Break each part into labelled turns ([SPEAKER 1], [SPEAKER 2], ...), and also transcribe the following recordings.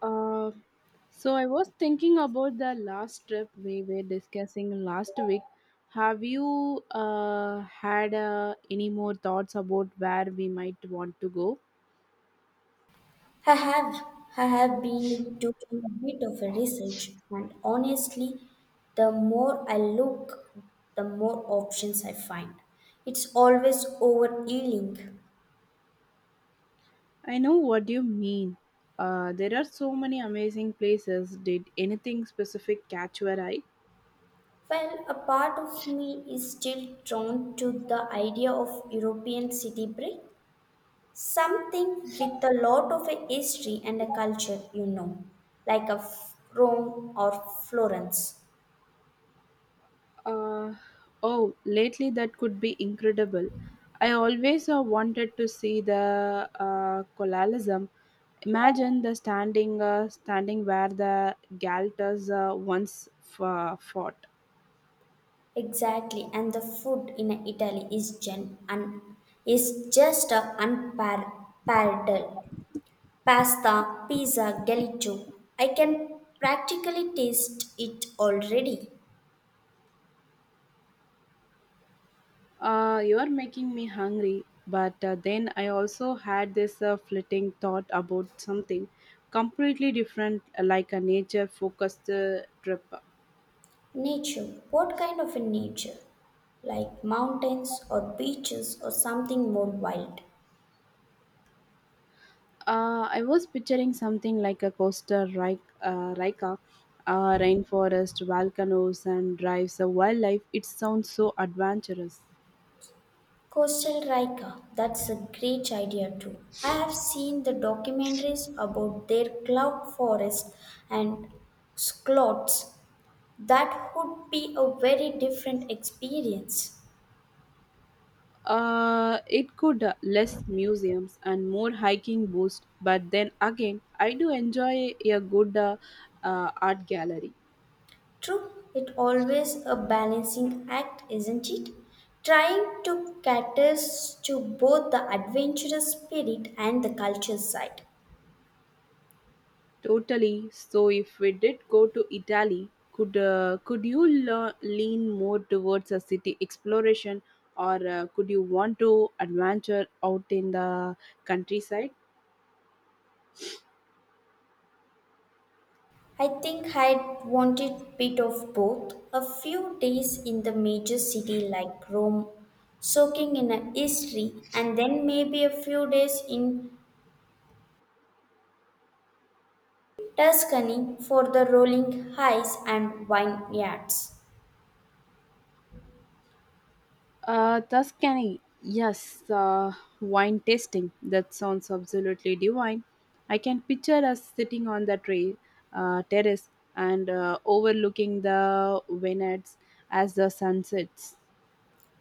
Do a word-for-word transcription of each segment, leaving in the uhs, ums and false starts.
[SPEAKER 1] Uh, so I was thinking about the last trip we were discussing last week. Have you uh, had uh, any more thoughts about where we might want to go?
[SPEAKER 2] I have I have been doing a bit of a research and honestly the more I look the more options I find. It's always overealing.
[SPEAKER 1] I know what you mean. Uh, there are so many amazing places. Did anything specific catch your eye?
[SPEAKER 2] Well a part of me is still drawn to the idea of European city break. Something with a lot of a history and a culture, you know, like a F- Rome or Florence.
[SPEAKER 1] Uh, oh, lately that could be incredible. I always uh, wanted to see the uh, colonialism. Imagine the standing, uh, standing where the Galters uh, once f- fought.
[SPEAKER 2] Exactly, and the food in Italy is gen and is just a unparalleled. Pasta, pizza, gelato. I can practically taste it already.
[SPEAKER 1] Uh, you are making me hungry, but uh, then I also had this uh, flitting thought about something completely different, uh, like a nature-focused uh, trip.
[SPEAKER 2] Nature. What kind of a nature? Like mountains or beaches or something more wild.
[SPEAKER 1] Uh, I was picturing something like a Costa Rica, uh, Rica uh, rainforest, volcanoes, and drives of wildlife. It sounds so adventurous.
[SPEAKER 2] Coastal Rica. That's a great idea too. I have seen the documentaries about their cloud forest and Sklots. That would be a very different experience.
[SPEAKER 1] Uh, it could uh, less museums and more hiking boost, but then again, I do enjoy a good uh, uh, art gallery.
[SPEAKER 2] True, it always a balancing act, isn't it? Trying to cater to both the adventurous spirit and the culture side.
[SPEAKER 1] Totally. So if we did go to Italy, could uh, could you le- lean more towards a city exploration, or uh, could you want to adventure out in the countryside?
[SPEAKER 2] I think I'd wanted bit of both. A few days in the major city like Rome, soaking in a history, and then maybe a few days in Tuscany for the rolling highs and vineyards.
[SPEAKER 1] Uh, Tuscany. Yes, uh, wine tasting. That sounds absolutely divine. I can picture us sitting on the tray, uh, terrace and uh, overlooking the vineyards as the sun sets.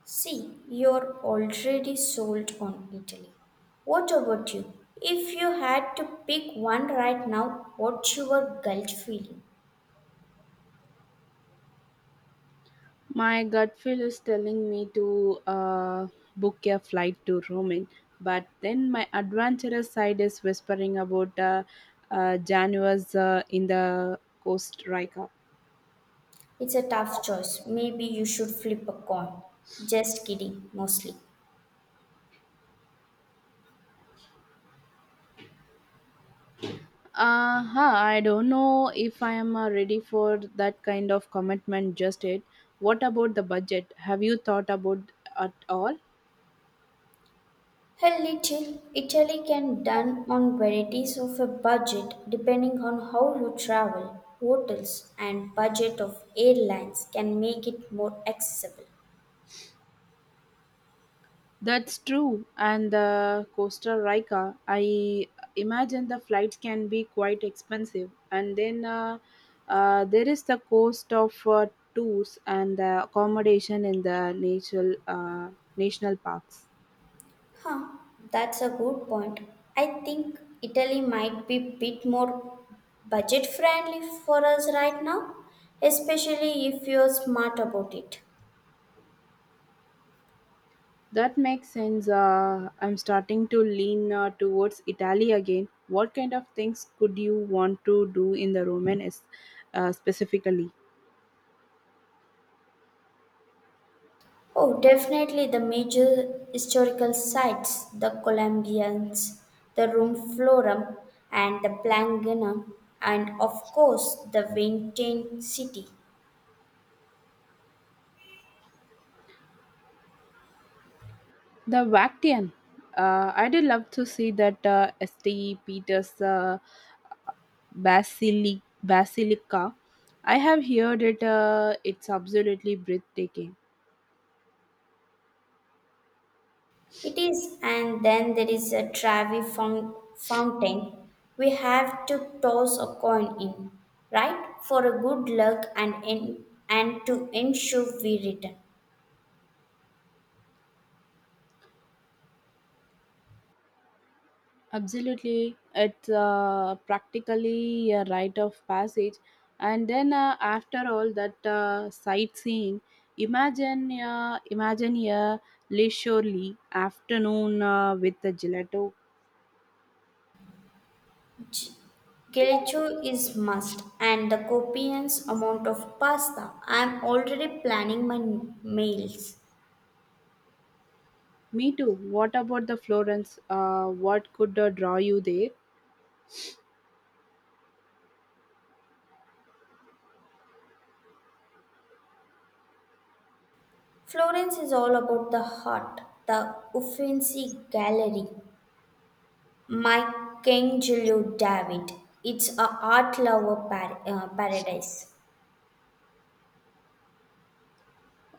[SPEAKER 2] See, you're already sold on Italy. What about you? If you had to pick one right now, what's your gut feeling?
[SPEAKER 1] My gut feel is telling me to uh, book a flight to Rome, but then my adventurous side is whispering about uh, uh, Januars uh, in the Coast Rica.
[SPEAKER 2] It's a tough choice. Maybe you should flip a coin. Just kidding, mostly.
[SPEAKER 1] Uh, huh, I don't know if I am uh, ready for that kind of commitment just yet. What about the budget? Have you thought about at all?
[SPEAKER 2] A little. Italy can done on varieties of a budget depending on how you travel. Hotels and budget of airlines can make it more accessible.
[SPEAKER 1] That's true. And the Costa Rica, I imagine the flights can be quite expensive. And then uh, uh, there is the cost of uh, tours and the accommodation in the natural uh, national parks.
[SPEAKER 2] Huh, that's a good point. I think Italy might be a bit more budget friendly for us right now, especially if you're smart about it.
[SPEAKER 1] That makes sense. Uh, I'm starting to lean uh, towards Italy again. What kind of things could you want to do in the Roman is, uh, specifically?
[SPEAKER 2] Oh, definitely the major historical sites, the Columbians, the Rum Florum, and the Planganum, and of course the Vatican City.
[SPEAKER 1] The Vatican. Uh, I did love to see that uh, Saint Peter's uh, Basili- Basilica. I have heard it. Uh, it's absolutely breathtaking.
[SPEAKER 2] It is, and then there is a Travi foun- fountain we have to toss a coin in, right? For a good luck and in, and to ensure we return.
[SPEAKER 1] Absolutely, it's uh, practically a rite of passage. And then uh, after all that uh, sightseeing, imagine uh, imagine a leisurely afternoon uh, with a gelato.
[SPEAKER 2] G- Gelato is must, and the copious amount of pasta. I am already planning my n- meals.
[SPEAKER 1] Me too. What about the Florence? Uh, what could uh, draw you there?
[SPEAKER 2] Florence is all about the heart, the Uffizi Gallery, Michelangelo David. It's a art lover par- uh, paradise.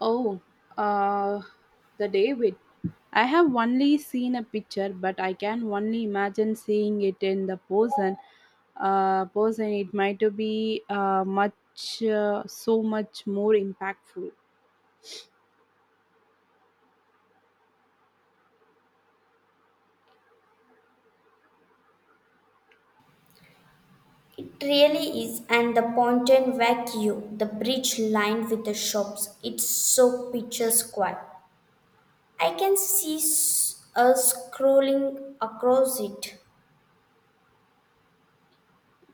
[SPEAKER 1] Oh, uh, the David. I have only seen a picture, but I can only imagine seeing it in the person. Uh, person, it might be uh, much, uh, so much more impactful.
[SPEAKER 2] It really is, and the Ponton Vecchio, the bridge lined with the shops, it's so picture square. I can see s- us scrolling across it.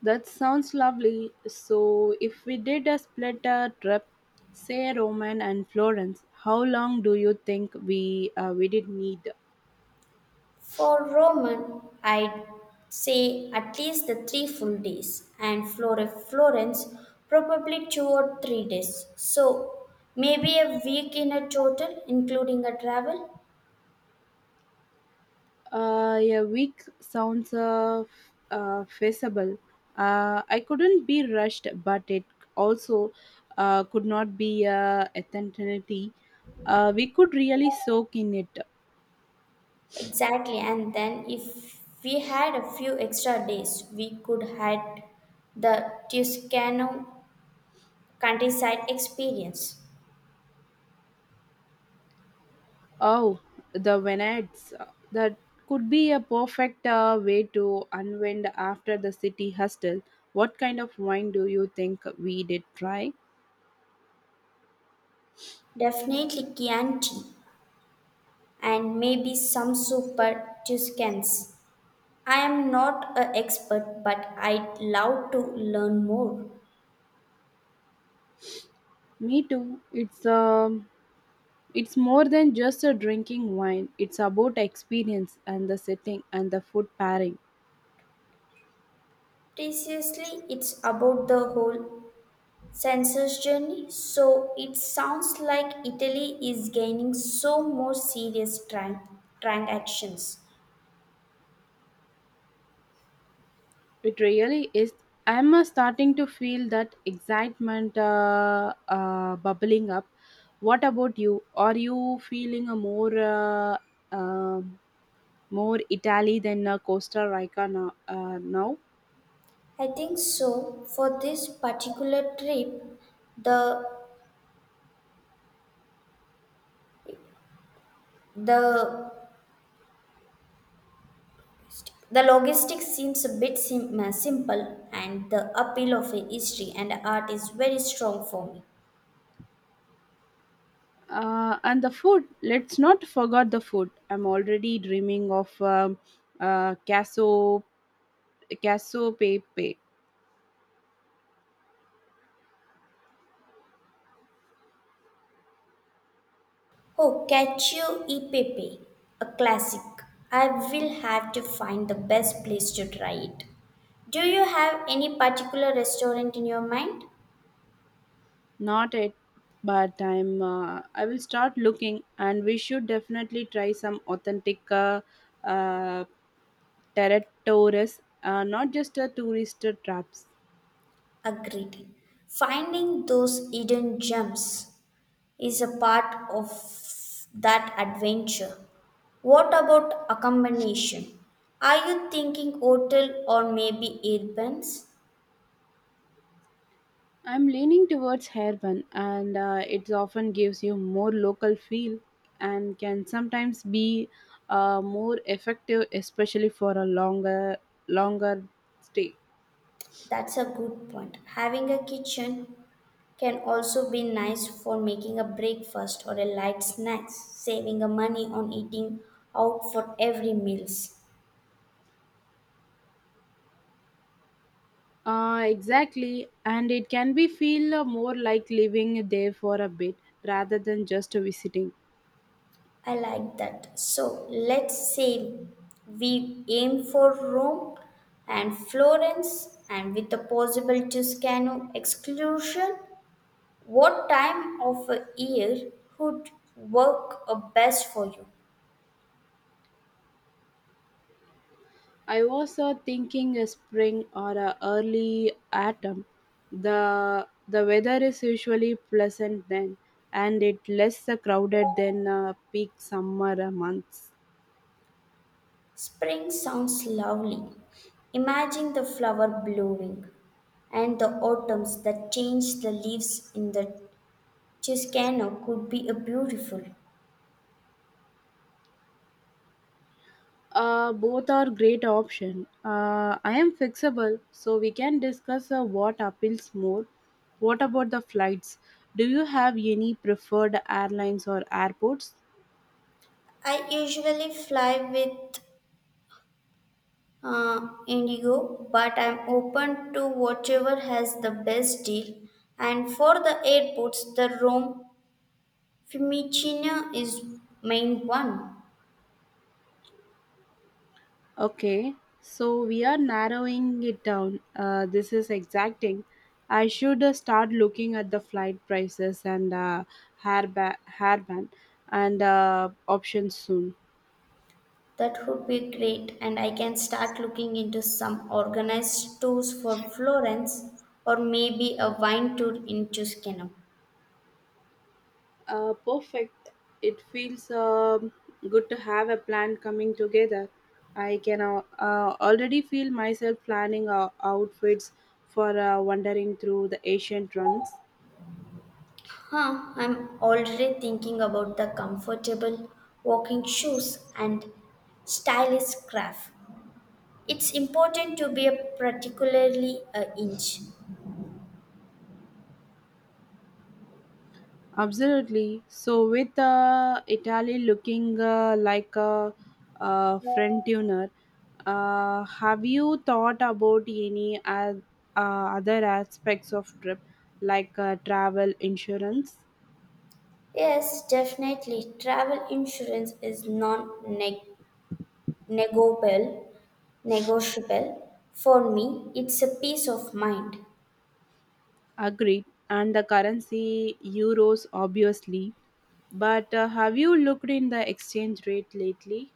[SPEAKER 1] That sounds lovely. So, if we did a split uh, trip, say Roman and Florence, how long do you think we uh, we did need?
[SPEAKER 2] For Roman, I'd say at least the three full days, and Flore- Florence probably two or three days. So maybe a week in a total, including a travel.
[SPEAKER 1] Uh, a week sounds uh, f- uh, feasible. Uh, I couldn't be rushed, but it also uh, could not be uh, eternity. Uh, we could really soak in it.
[SPEAKER 2] Exactly, and then if we had a few extra days, we could had the Tuscano countryside experience.
[SPEAKER 1] Oh, the Venads. That could be a perfect uh, way to unwind after the city hustle. What kind of wine do you think we did try?
[SPEAKER 2] Definitely Chianti and maybe some super Tuscans. I am not an expert, but I'd love to learn more.
[SPEAKER 1] Me too. It's um It's more than just a drinking wine, it's about experience and the setting and the food pairing.
[SPEAKER 2] Precisely, it's about the whole census journey, so it sounds like Italy is gaining so more serious tran- transactions.
[SPEAKER 1] It really is. I'm uh, starting to feel that excitement uh, uh, bubbling up. What about you? Are you feeling a more uh, um more Italy than uh, Costa Rica now? Uh, now?
[SPEAKER 2] I think so. For this particular trip, the the the logistics seems a bit sim- uh, simple, and the appeal of a history and art is very strong for me.
[SPEAKER 1] Uh, and the food. Let's not forget the food. I'm already dreaming of um, uh, casso casso pepe.
[SPEAKER 2] Oh, Cacio e Pepe, a classic. I will have to find the best place to try it. Do you have any particular restaurant in your mind?
[SPEAKER 1] Not at bad time. Uh, I will start looking, and we should definitely try some authentic uh, uh, territories, uh, not just a tourist traps.
[SPEAKER 2] Agreed. Finding those hidden gems is a part of that adventure. What about accommodation? Are you thinking hotel or maybe Airbnb?
[SPEAKER 1] I'm leaning towards hairbun, and uh, it often gives you more local feel and can sometimes be uh, more effective, especially for a longer longer stay.
[SPEAKER 2] That's a good point. Having a kitchen can also be nice for making a breakfast or a light snacks, saving a money on eating out for every meals.
[SPEAKER 1] Uh, exactly, and it can be feel uh, more like living there for a bit rather than just visiting.
[SPEAKER 2] I like that. So let's say we aim for Rome and Florence and with the possible Tuscano exclusion, what time of a year would work uh, best for you?
[SPEAKER 1] I was uh, thinking a spring or a early autumn. The the weather is usually pleasant then, and it less uh, crowded than uh, peak summer uh, months.
[SPEAKER 2] Spring sounds lovely. Imagine the flower blooming and the autumns that change the leaves in the Tuscano could be a beautiful.
[SPEAKER 1] Uh, both are great option. Uh, I am fixable, so we can discuss uh, what appeals more. What about the flights? Do you have any preferred airlines or airports?
[SPEAKER 2] I usually fly with uh, Indigo, but I'm open to whatever has the best deal. And for the airports, the Rome Fiumicino is main one.
[SPEAKER 1] Okay, so we are narrowing it down. Uh, this is exacting. I should uh, start looking at the flight prices and uh, hairband, hairband and uh, options soon.
[SPEAKER 2] That would be great, and I can start looking into some organized tours for Florence or maybe a wine tour into Tuscany.
[SPEAKER 1] Uh, perfect. It feels um, good to have a plan coming together. I can uh, uh, already feel myself planning uh, outfits for uh, wandering through the ancient ruins.
[SPEAKER 2] Huh, I'm already thinking about the comfortable walking shoes and stylish craft. It's important to be a particularly a inch.
[SPEAKER 1] Absolutely. So, with uh, Italy looking uh, like a, uh front tuner, uh, have you thought about any uh, uh, other aspects of trip like uh, travel insurance?
[SPEAKER 2] Yes, definitely. Travel insurance is non-negotiable. Negotiable for me. It's a peace of mind.
[SPEAKER 1] Agreed. And the currency, euros, obviously. But uh, have you looked in the exchange rate lately?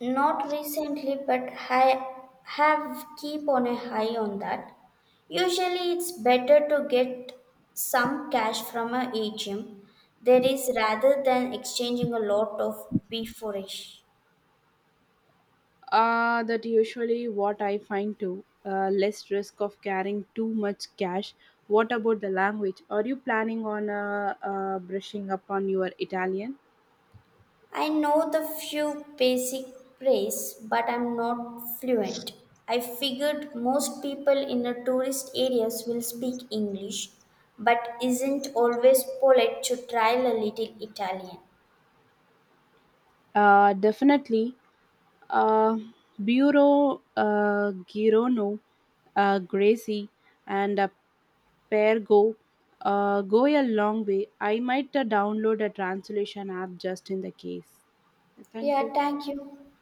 [SPEAKER 2] Not recently, but I have keep on a high on that. Usually, it's better to get some cash from a ATM. There is rather than exchanging a lot of beforeish.
[SPEAKER 1] Uh, that usually what I find too. Uh, less risk of carrying too much cash. What about the language? Are you planning on uh, uh, brushing up on your Italian?
[SPEAKER 2] I know the few basic praise, but I'm not fluent. I figured most people in the tourist areas will speak English, but isn't always polite to try a little Italian.
[SPEAKER 1] Uh, definitely. Uh, Bureau uh, Girono, uh, Gracie, and uh, pair go uh, go a long way. I might uh, download a translation app just in the case. Thank
[SPEAKER 2] Yeah,
[SPEAKER 1] you.
[SPEAKER 2] thank you.